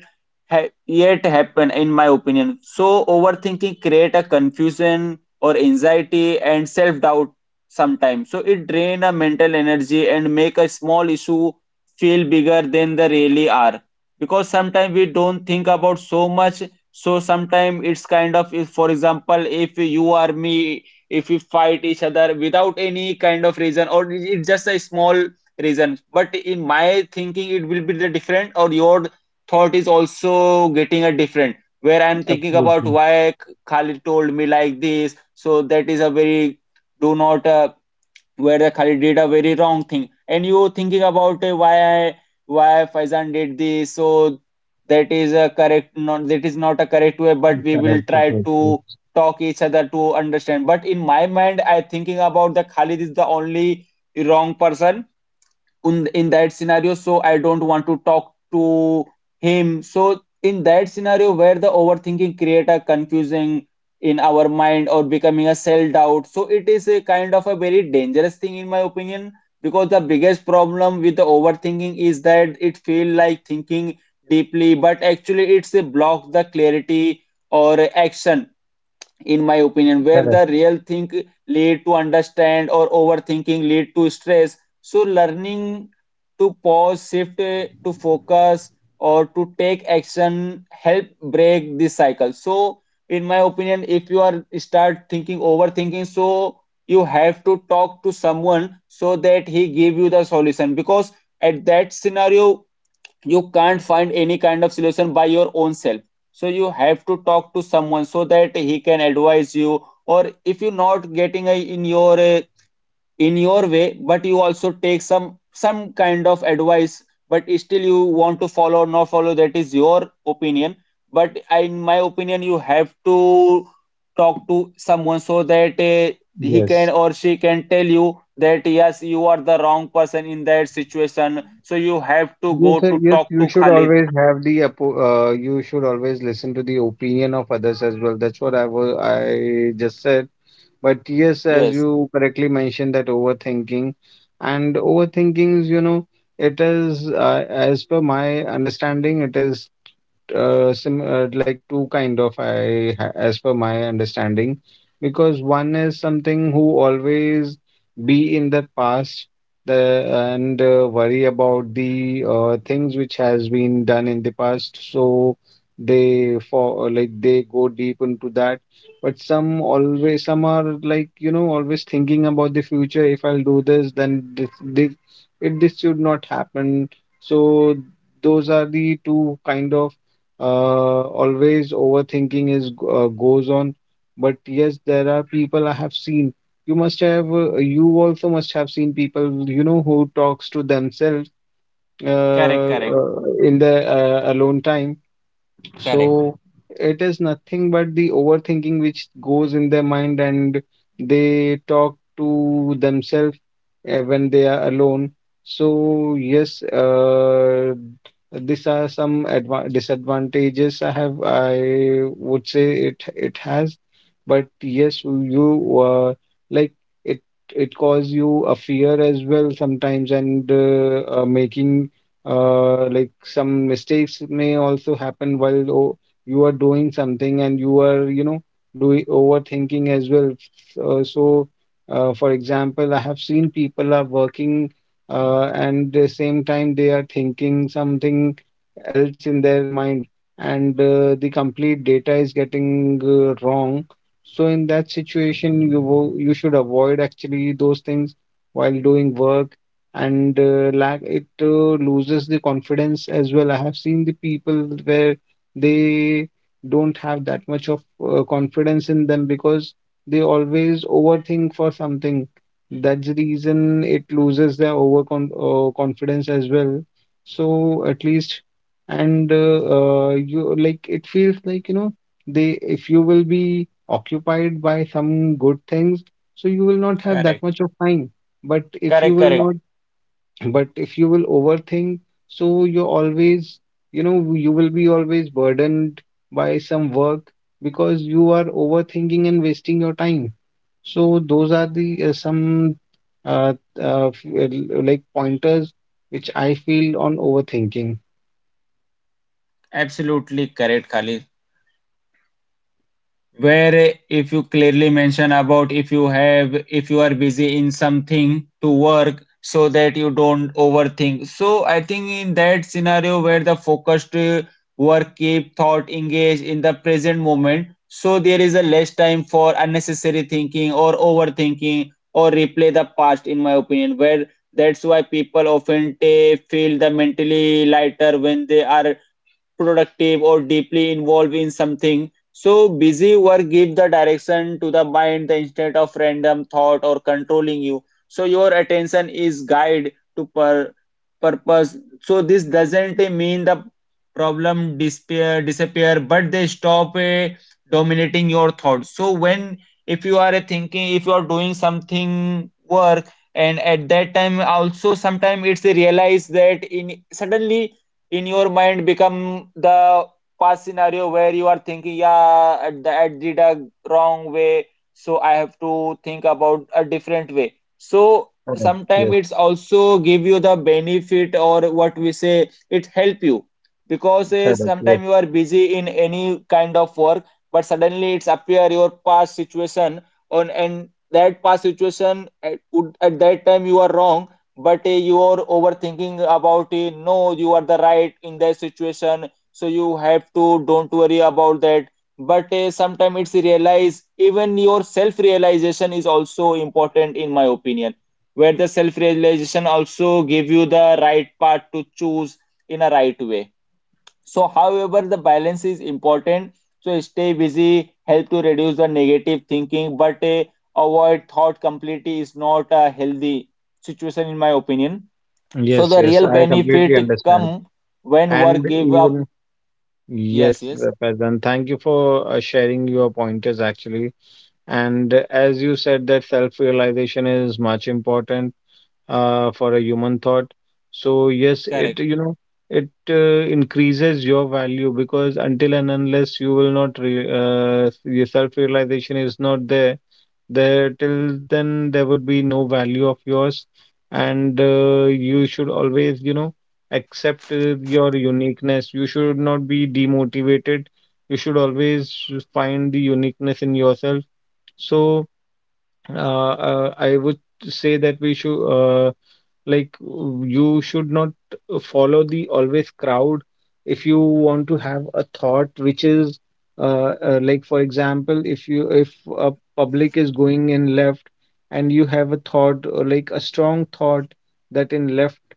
yet happened in my opinion so overthinking create a confusion or anxiety and self-doubt sometimes so it drain a mental energy and make a small issue feel bigger than they really are because sometimes we don't think about so much so sometimes it's kind of if for example if you are me if we fight each other without any kind of reason or it's just a small reason but in my thinking it will be the different or your thought is also getting a different where I'm thinking about Absolutely. why Khalid told me like this, so that is a very do not where the Khalid did a very wrong thing, and you thinking about why I, why Faizan did this, so that is a correct not that is not a correct way, but we will Correct. try Absolutely. to talk each other to understand. But in my mind, I thinking about the Khalid is the only wrong person in that scenario, so I don't want to talk to him. So in that scenario where the overthinking create a confusing in our mind or becoming a self doubt, so it is a kind of a very dangerous thing, in my opinion, because the biggest problem with the overthinking is that it feel like thinking deeply, but actually it's a block the clarity or action, in my opinion, where Correct. the real think lead to understand or overthinking lead to stress. So learning to pause, shift to focus or to take action help break this cycle. So in my opinion, if you are start thinking overthinking, so you have to talk to someone so that he give you the solution, because at that scenario you can't find any kind of solution by your own self. So you have to talk to someone so that he can advise you, or if you're not getting a, in your way, but you also take some kind of advice, but still you want to follow or not follow, that is your opinion. But in my opinion, you have to talk to someone so that he can Yes. or she can tell you that yes, you are the wrong person in that situation, so you have to go Yes, sir. to Yes, talk you to should Khalid. always have the you should always listen to the opinion of others as well. That's what I was I just said. But yes, as Yes, you correctly mentioned, that overthinking is, you know, it is, as per my understanding, it is sim like two kind of as per my understanding, because one is something who always be in the past, the and worry about the things which has been done in the past, so they for like they go deep into that. But some always some are like, you know, always thinking about the future, if I'll do this then this it this should not happen. So those are the two kind of always overthinking goes on. But yes, there are people I have seen, you must have you also must have seen people, you know, who talks to themselves correct, correct, in the alone time. correct, So it is nothing but the overthinking which goes in their mind, and they talk to themselves when they are alone. So, yes, these are some adva disadvantages I have. I would say it it has. But yes, you like it cause you a fear as well sometimes, and making like some mistakes may also happen while you are doing something and you are, you know, doing overthinking as well. So, so for example, I have seen people are working, and the same time they are thinking something else in their mind, and the complete data is getting wrong. So in that situation you you should avoid actually those things while doing work. And lack it loses the confidence as well. I have seen the people where they don't have that much of confidence in them, because they always overthink for something. That's the reason it loses their overcon confidence as well. So at least, and you like it feels like, you know, they if you will be occupied by some good things, so you will not have that correct, much of time. But if you correct, will correct, not, but if you will overthink, so you're always, you know, you will be always burdened by some work, because you are overthinking and wasting your time. So those are the some uh, like pointers which I feel on overthinking. absolutely correct, Khalid, where if you clearly mention about, if you have, if you are busy in something to work so that you don't overthink, so I think in that scenario where the focused work keep thought engaged in the present moment, so there is a less time for unnecessary thinking or overthinking or replay the past, in my opinion, where that's why people often feel the mentally lighter when they are productive or deeply involved in something. So busy work gives the direction to the mind the instead of random thought or controlling you. So your attention is guide to per purpose. So this doesn't mean the problem disappear, but they stop dominating your thoughts. So when if you are thinking, if you are doing something work, and at that time also sometimes it's realized that in suddenly in your mind become the past scenario where you are thinking yeah at the I did a wrong way, so I have to think about a different way. So Correct. sometimes Yes. it's also give you the benefit or what we say it help you, because Correct. Yes. sometimes you are busy in any kind of work, but suddenly it's appear your past situation on, and that past situation at that time you are wrong, but you are overthinking about it. No, you are the right in that situation, so you have to don't worry about that. But sometimes it's realize, even your self realization is also important, in my opinion, where the self realization also give you the right path to choose in a right way. So, however, the balance is important. So, stay busy, help to reduce the negative thinking, but avoid thought completely is not a healthy situation, in my opinion. So, Yes. the Yes. real I completely benefit understand. come when And work give up. even yes, Yes, yes, Faizan, thank you for sharing your pointers actually. And as you said, that self realization is much important. For a human thought. So yes, correct. it you know it increases your value, because until and unless you will not re your self-realization is not there, till then there would be no value of yours. And you should always, you know, accept your uniqueness. You should not be demotivated. You should always find the uniqueness in yourself. So I would say that we should. Like you should not follow the always crowd. If you want to have a thought which is like for example, if a public is going in left, and you have a thought or like a strong thought, that in left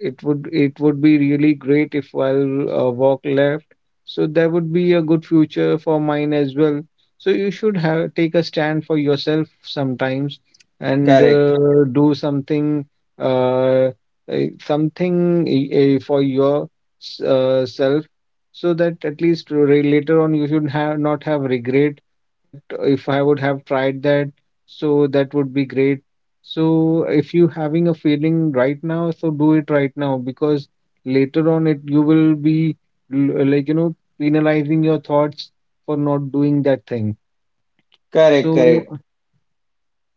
it would be really great if I'll walk left, so there would be a good future for mine as well. So you should have take a stand for yourself sometimes, and Correct, do something, uh, something for your self, so that at least later on you should have not have regret that if I would have tried that, so that would be great. So if you having a feeling right now, so do it right now, because later on it you will be like you know, penalizing your thoughts for not doing that thing. correct, correct. So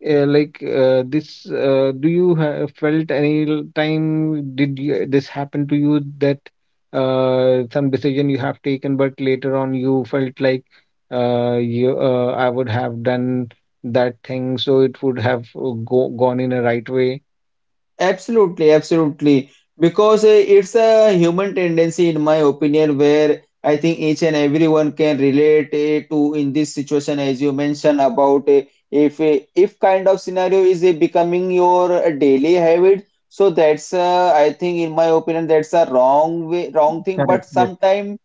like this do you have felt any this happen to you that some decision you have taken, but later on you felt like you I would have done that thing, so it would have gone in a right way. Absolutely, absolutely. Because it's a human tendency, in my opinion, where I think each and everyone can relate to in this situation, as you mentioned about if kind of scenario is becoming your daily habit. So that's I think, in my opinion, that's a wrong way, wrong thing. Correct. But Yes. sometimes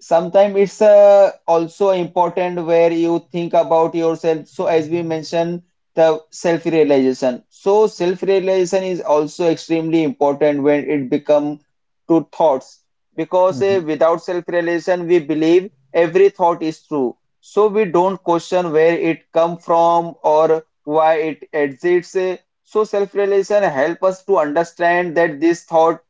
sometimes it's also important where you think about yourself, so as we mentioned the self realization, so self realization is also extremely important when it become to thoughts, because Hmm. without self realization we believe every thought is true, so we don't question where it come from or why it exists. So self realization help us to understand that this thought,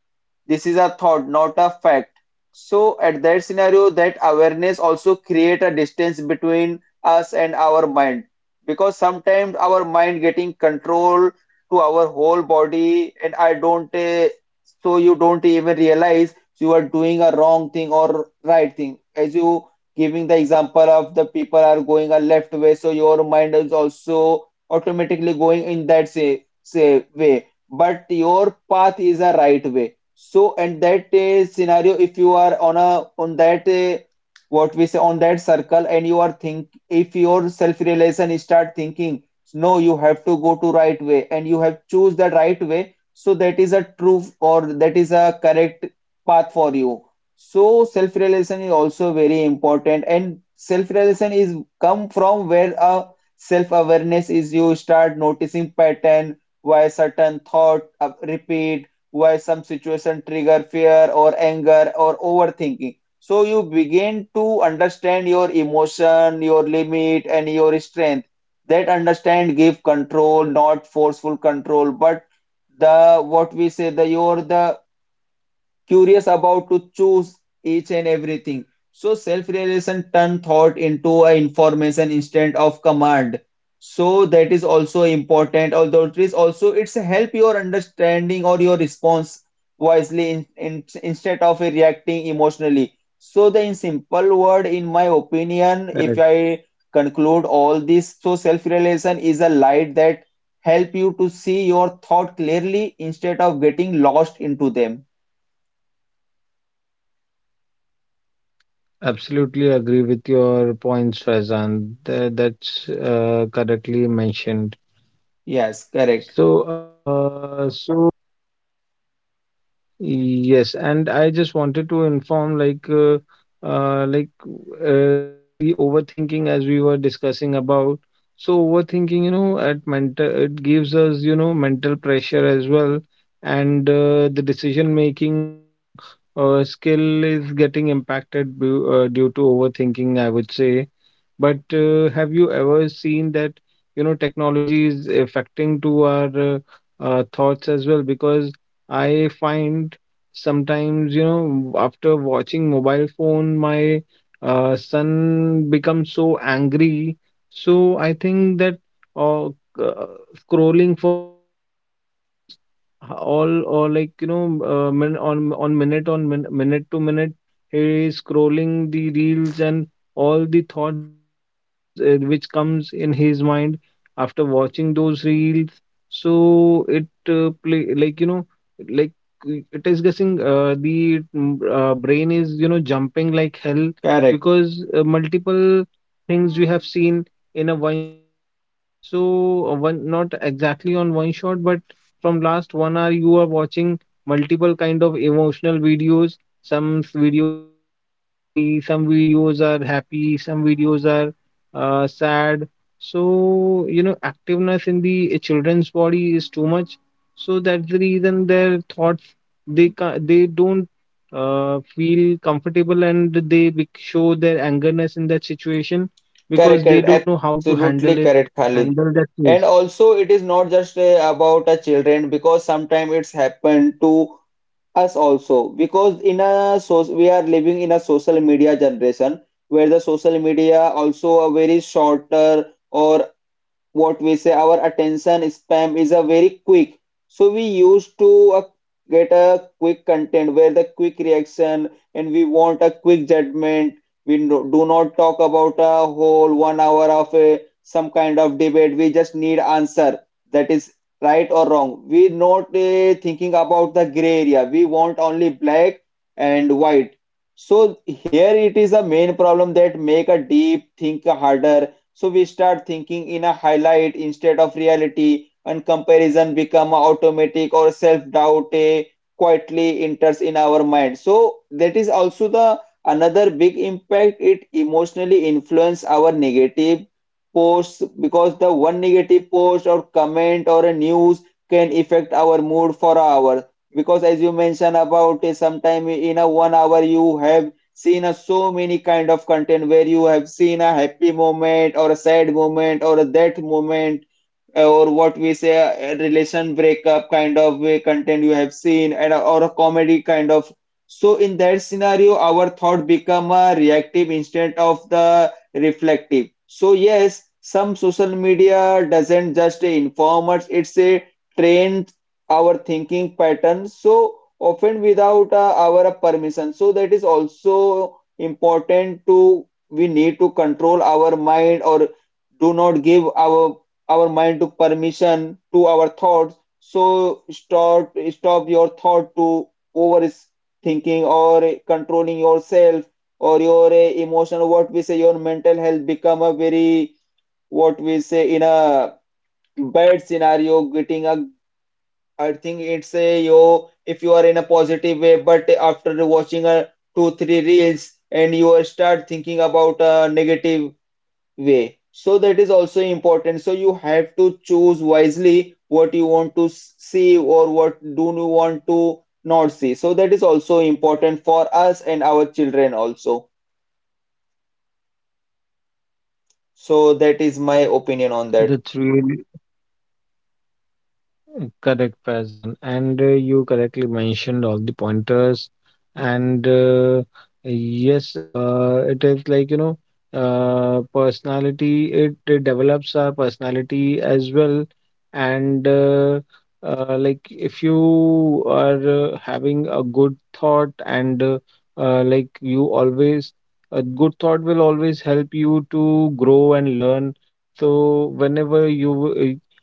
this is a thought, not a fact. So at that scenario, that awareness also create a distance between us and our mind. Because sometimes our mind getting control to our whole body, and I don't, so you don't even realize you are doing a wrong thing or right thing. As you giving the example of the people are going a left way, so your mind is also automatically going in that say way. But your path is a right way, so at that scenario, if you are on a on that what we say on that circle, and you are think if your self-realization start thinking, no, you have to go to right way, and you have choose the right way, so that is a true or that is a correct path for you. So self-realization is also very important, and self-realization is come from where a self-awareness is you start noticing pattern, why certain thought repeat, why some situation trigger fear or anger or overthinking, so you begin to understand your emotion, your limit and your strength. That understand give control, not forceful control, but the what we say the your the curious about to choose each and everything. So self-realization turn thought into a information instead of command. So that is also important. Although it is also it's help your understanding or your response wisely instead of reacting emotionally. So the in simple word, in my opinion, if Correct. I conclude all this, so self-realization is a light that help you to see your thought clearly instead of getting lost into them. Absolutely agree with your points, Faizan. That's correctly mentioned. Yes, correct, So, yes, and I just wanted to inform like the overthinking as we were discussing about. So overthinking, you know, at mental it gives us, you know, mental pressure as well, and the decision making skill is getting impacted due to overthinking, I would say. But have you ever seen that, you know, technology is affecting to our thoughts as well? Because I find sometimes, you know, after watching mobile phone, my son becomes so angry. So I think that uh, uh, scrolling for after ho- always h- all or like you know min on minute on min minute to minute he is scrolling the reels and all the thoughts which goes which comes in his mind after watching those reels so it play like you know like it is guessing the brain is you know jumping like hell correct, because multiple things we have seen in a one shot so one not exactly on one shot, but from last 1 hour you are watching multiple kind of emotional videos. Some videos are angry, some videos are happy, some videos are sad. So you know activeness in the children's body is too much. So that's the reason their thoughts they don't feel comfortable and they show their angerness in that situation correct, because they correct, don't know how to handle absolutely it correct, Khalid. and the, that's And is also, it is not just about a children, because sometimes it's happened to us also, because in a so we are living in a social media generation where the social media also a very shorter or what we say our attention spam is a very quick, so we used to uh, get a quick content where the quick reaction and we want a quick judgment. We do not talk about a whole 1 hour of a, some kind of debate, we just need answer that is right or wrong. We not thinking about the gray area, we want only black and white. So here it is a main problem that make a deep think harder, so we start thinking in a highlight instead of reality, and comparison become automatic or self-doubt quietly enters in our mind. So that is also the another big impact, it emotionally influence our negative posts, because the one negative post or comment or a news can affect our mood for an hour, because as you mentioned about it sometime in a 1 hour you have seen a so many kind of content where you have seen a happy moment or a sad moment or a death moment, or what we say a relation breakup kind of way content you have seen, and or a comedy kind of. So in that scenario our thought become a reactive instead of the reflective. So yes, some social media doesn't just inform us, it's a train our thinking pattern, so often without our permission. So that is also important to we need to control our mind or do not give our mind to permission to our thoughts. So stop your thought to overthinking or controlling yourself or your emotion. What we say, your mental health become a very what we say in a bad scenario. Getting a I think it's a yo if you are in a positive way, but after watching a two three reels and you are start thinking about a negative way. So that is also important. So you have to choose wisely what you want to see or what do you want to not see. So that is also important for us and our children also. So that is my opinion on that. that's really correct, Faizan. And you correctly mentioned all the pointers. And yes, it is like, you know, personality, it develops our personality as well. And like, if you are having a good thought, and like, you always, a good thought will always help you to grow and learn. So, whenever you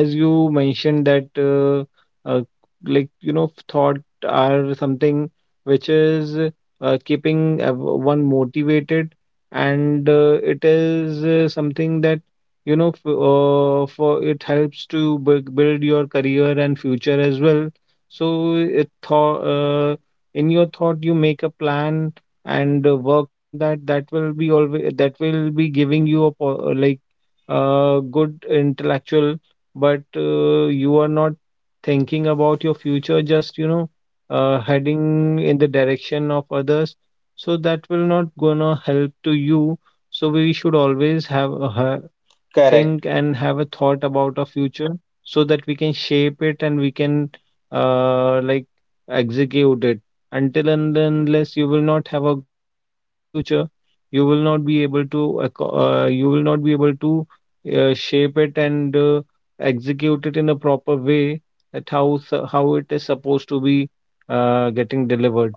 as you mentioned that uh, like you know thought are something which is keeping one motivated and it is something that you know f- for it helps to build your career and future as well so it thought in your thought you make a plan and work on that that will be always that will be giving you a like good intellectual but you are not thinking about your future, just, you know, heading in the direction of others. So that will not gonna help to you. So we should always think Correct. and have a thought about our future so that we can shape it and we can like execute it. Until and unless you will not have a thought of your future, you will not be able to you will not be able to shape it and execute it in a proper way at how it is supposed to be getting delivered.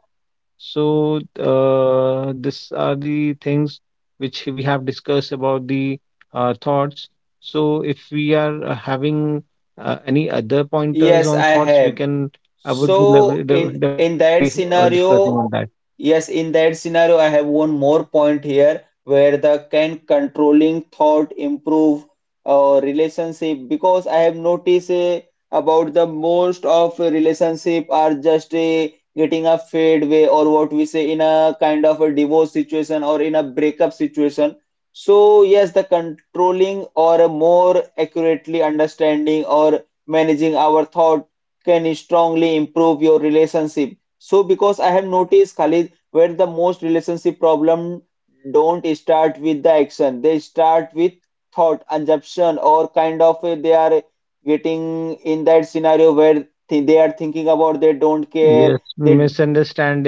So, these are the things which we have discussed about the thoughts. So, if we are having any other pointers Yes, on I thoughts, we have. can, I would be So in that definitely discussing scenario, on that. yes, in that scenario, I have one more point here where the can controlling thought improve relationship, because I have noticed about the most of relationship are just getting a fade way or what we say in a kind of a divorce situation or in a breakup situation. So yes, the controlling or a more accurately understanding or managing our thought can strongly improve your relationship. So, because I have noticed, Khalid, where the most relationship problem don't start with the action, they start with thought assumption or kind of they are getting in that scenario where they are thinking about they don't care, Yes, they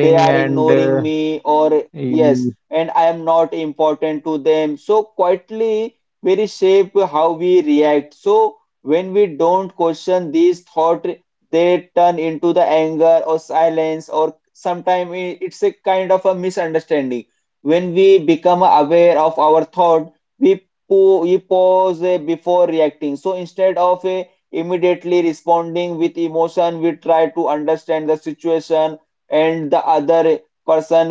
they are and ignoring me or yes y- and I am not important to them, so quietly very shape how we react. So when we don't question these thought, they turn into the anger or silence or sometimes it's a kind of a misunderstanding. When we become aware of our thought, we we pause before reacting, so instead of immediately responding with emotion, we try to understand the situation and the other person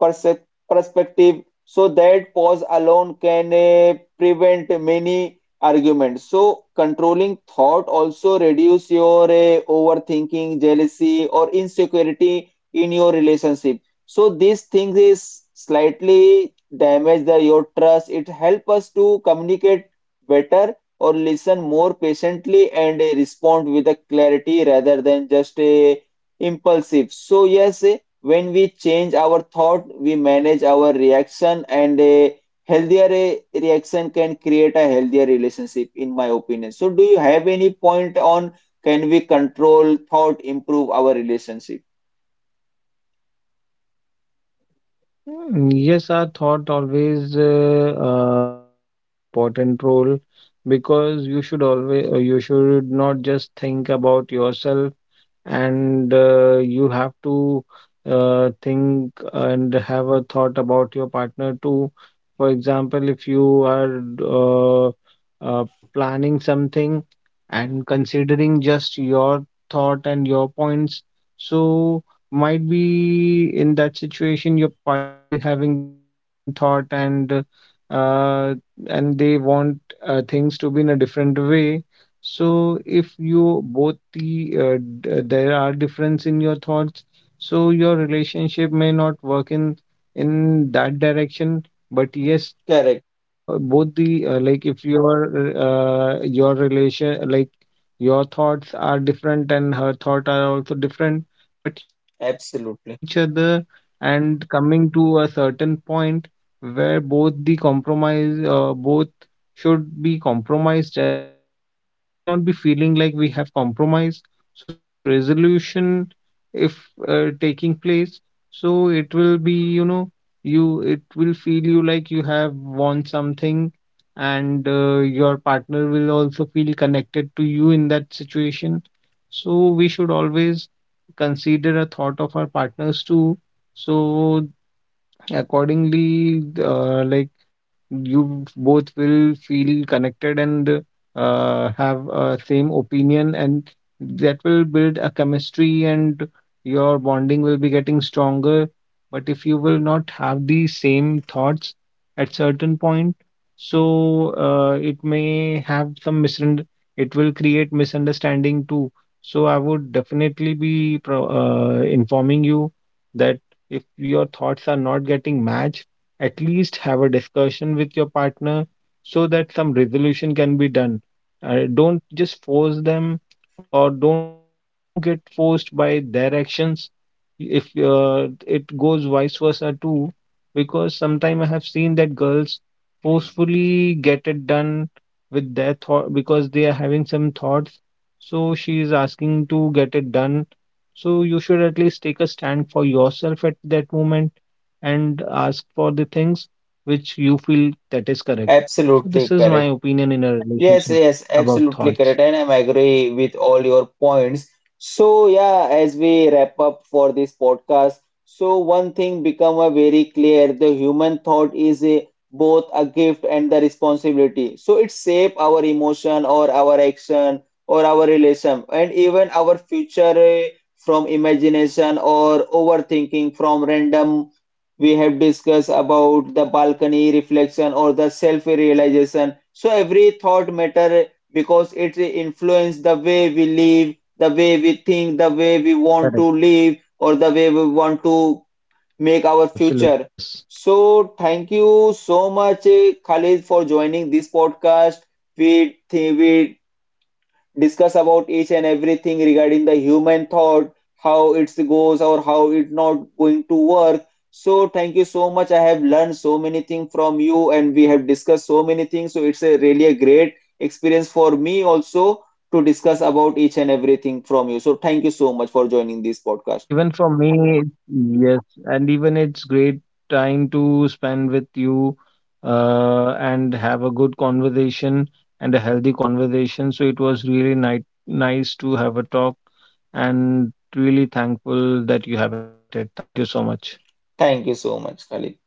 perse- perspective. So that pause alone can prevent many arguments. So controlling thought also reduce your overthinking, jealousy or insecurity in your relationship, so these things is slightly damage the your trust. It help us to communicate better or listen more patiently and respond with a clarity rather than just a impulsive. So yes, when we change our thought, we manage our reaction, and a healthier reaction can create a healthier relationship, in my opinion. So, do you have any point on can we control thought, improve our relationship? yes, our thought always play an important role because you should always, you should not just think about yourself and you have to think and have a thought about your partner too. For example, if you are uh, planning something and considering just your thought and your points, so might be in that situation your partner is having some different thought uh, and they want things to be in a different way so if you both there are difference in your thoughts, so your relationship may not work in that direction. But yes, Correct. if you're both the like if your your relation like your thoughts are different and her thought are also different, but you are discussing with Absolutely. each other and coming to a certain point where both the compromise both should be compromised as well, and it should not be feeling like we have compromised. So, such resolution, if taking place, so it will be, you know, you it will feel you like you have won something, and your partner will also feel connected to you in that situation. So, we should always consider a thought of our partners too so accordingly, like you both will feel connected and have a same opinion, and that will build a chemistry, and your bonding will be getting stronger. But if you will not have the same thoughts at certain point, so it may have some misun. It will create misunderstanding too. So I would definitely be pro informing you that if your thoughts are not getting matched, at least have a discussion with your partner so that some resolution can be done. Don't just force them, or don't you get forced by their actions. If it goes vice versa too, because sometimes I have seen that girls forcefully get it done with their thought because they are having some thoughts. So she is asking to get it done so you should at least take a stand for yourself at that moment and ask for the things which you feel that is correct. So this Absolutely is my correct. opinion in a Yes, relationship yes, about absolutely thoughts. correct, and I'm agree with all your points. So yeah, as we wrap up for this podcast, so one thing become a very clear: the human thought is a, both a gift and the responsibility. So it shape our emotion or our action or our relation and even our future from imagination or overthinking from random. We have discussed about the balcony reflection or the self-realization. So every thought matter because it influences the way we live, the way we think, the way we want to Correct. live, or the way we want to make our Absolutely, future. yes. So thank you so much, Khalid, for joining this podcast. We think we discuss about each and everything regarding the human thought, how it goes or how it not going to work. So thank you so much. I have learned so many things from you and we have discussed so many things. So it's a really a great experience for me also to discuss about each and everything from you. So thank you so much for joining this Yes, podcast. even for me, yes, and even it's great time to spend with you and have a good conversation and a healthy conversation. So it was really ni nice to have a talk and really thankful that you have invited. Thank you so much. Thank you so much, Khalid.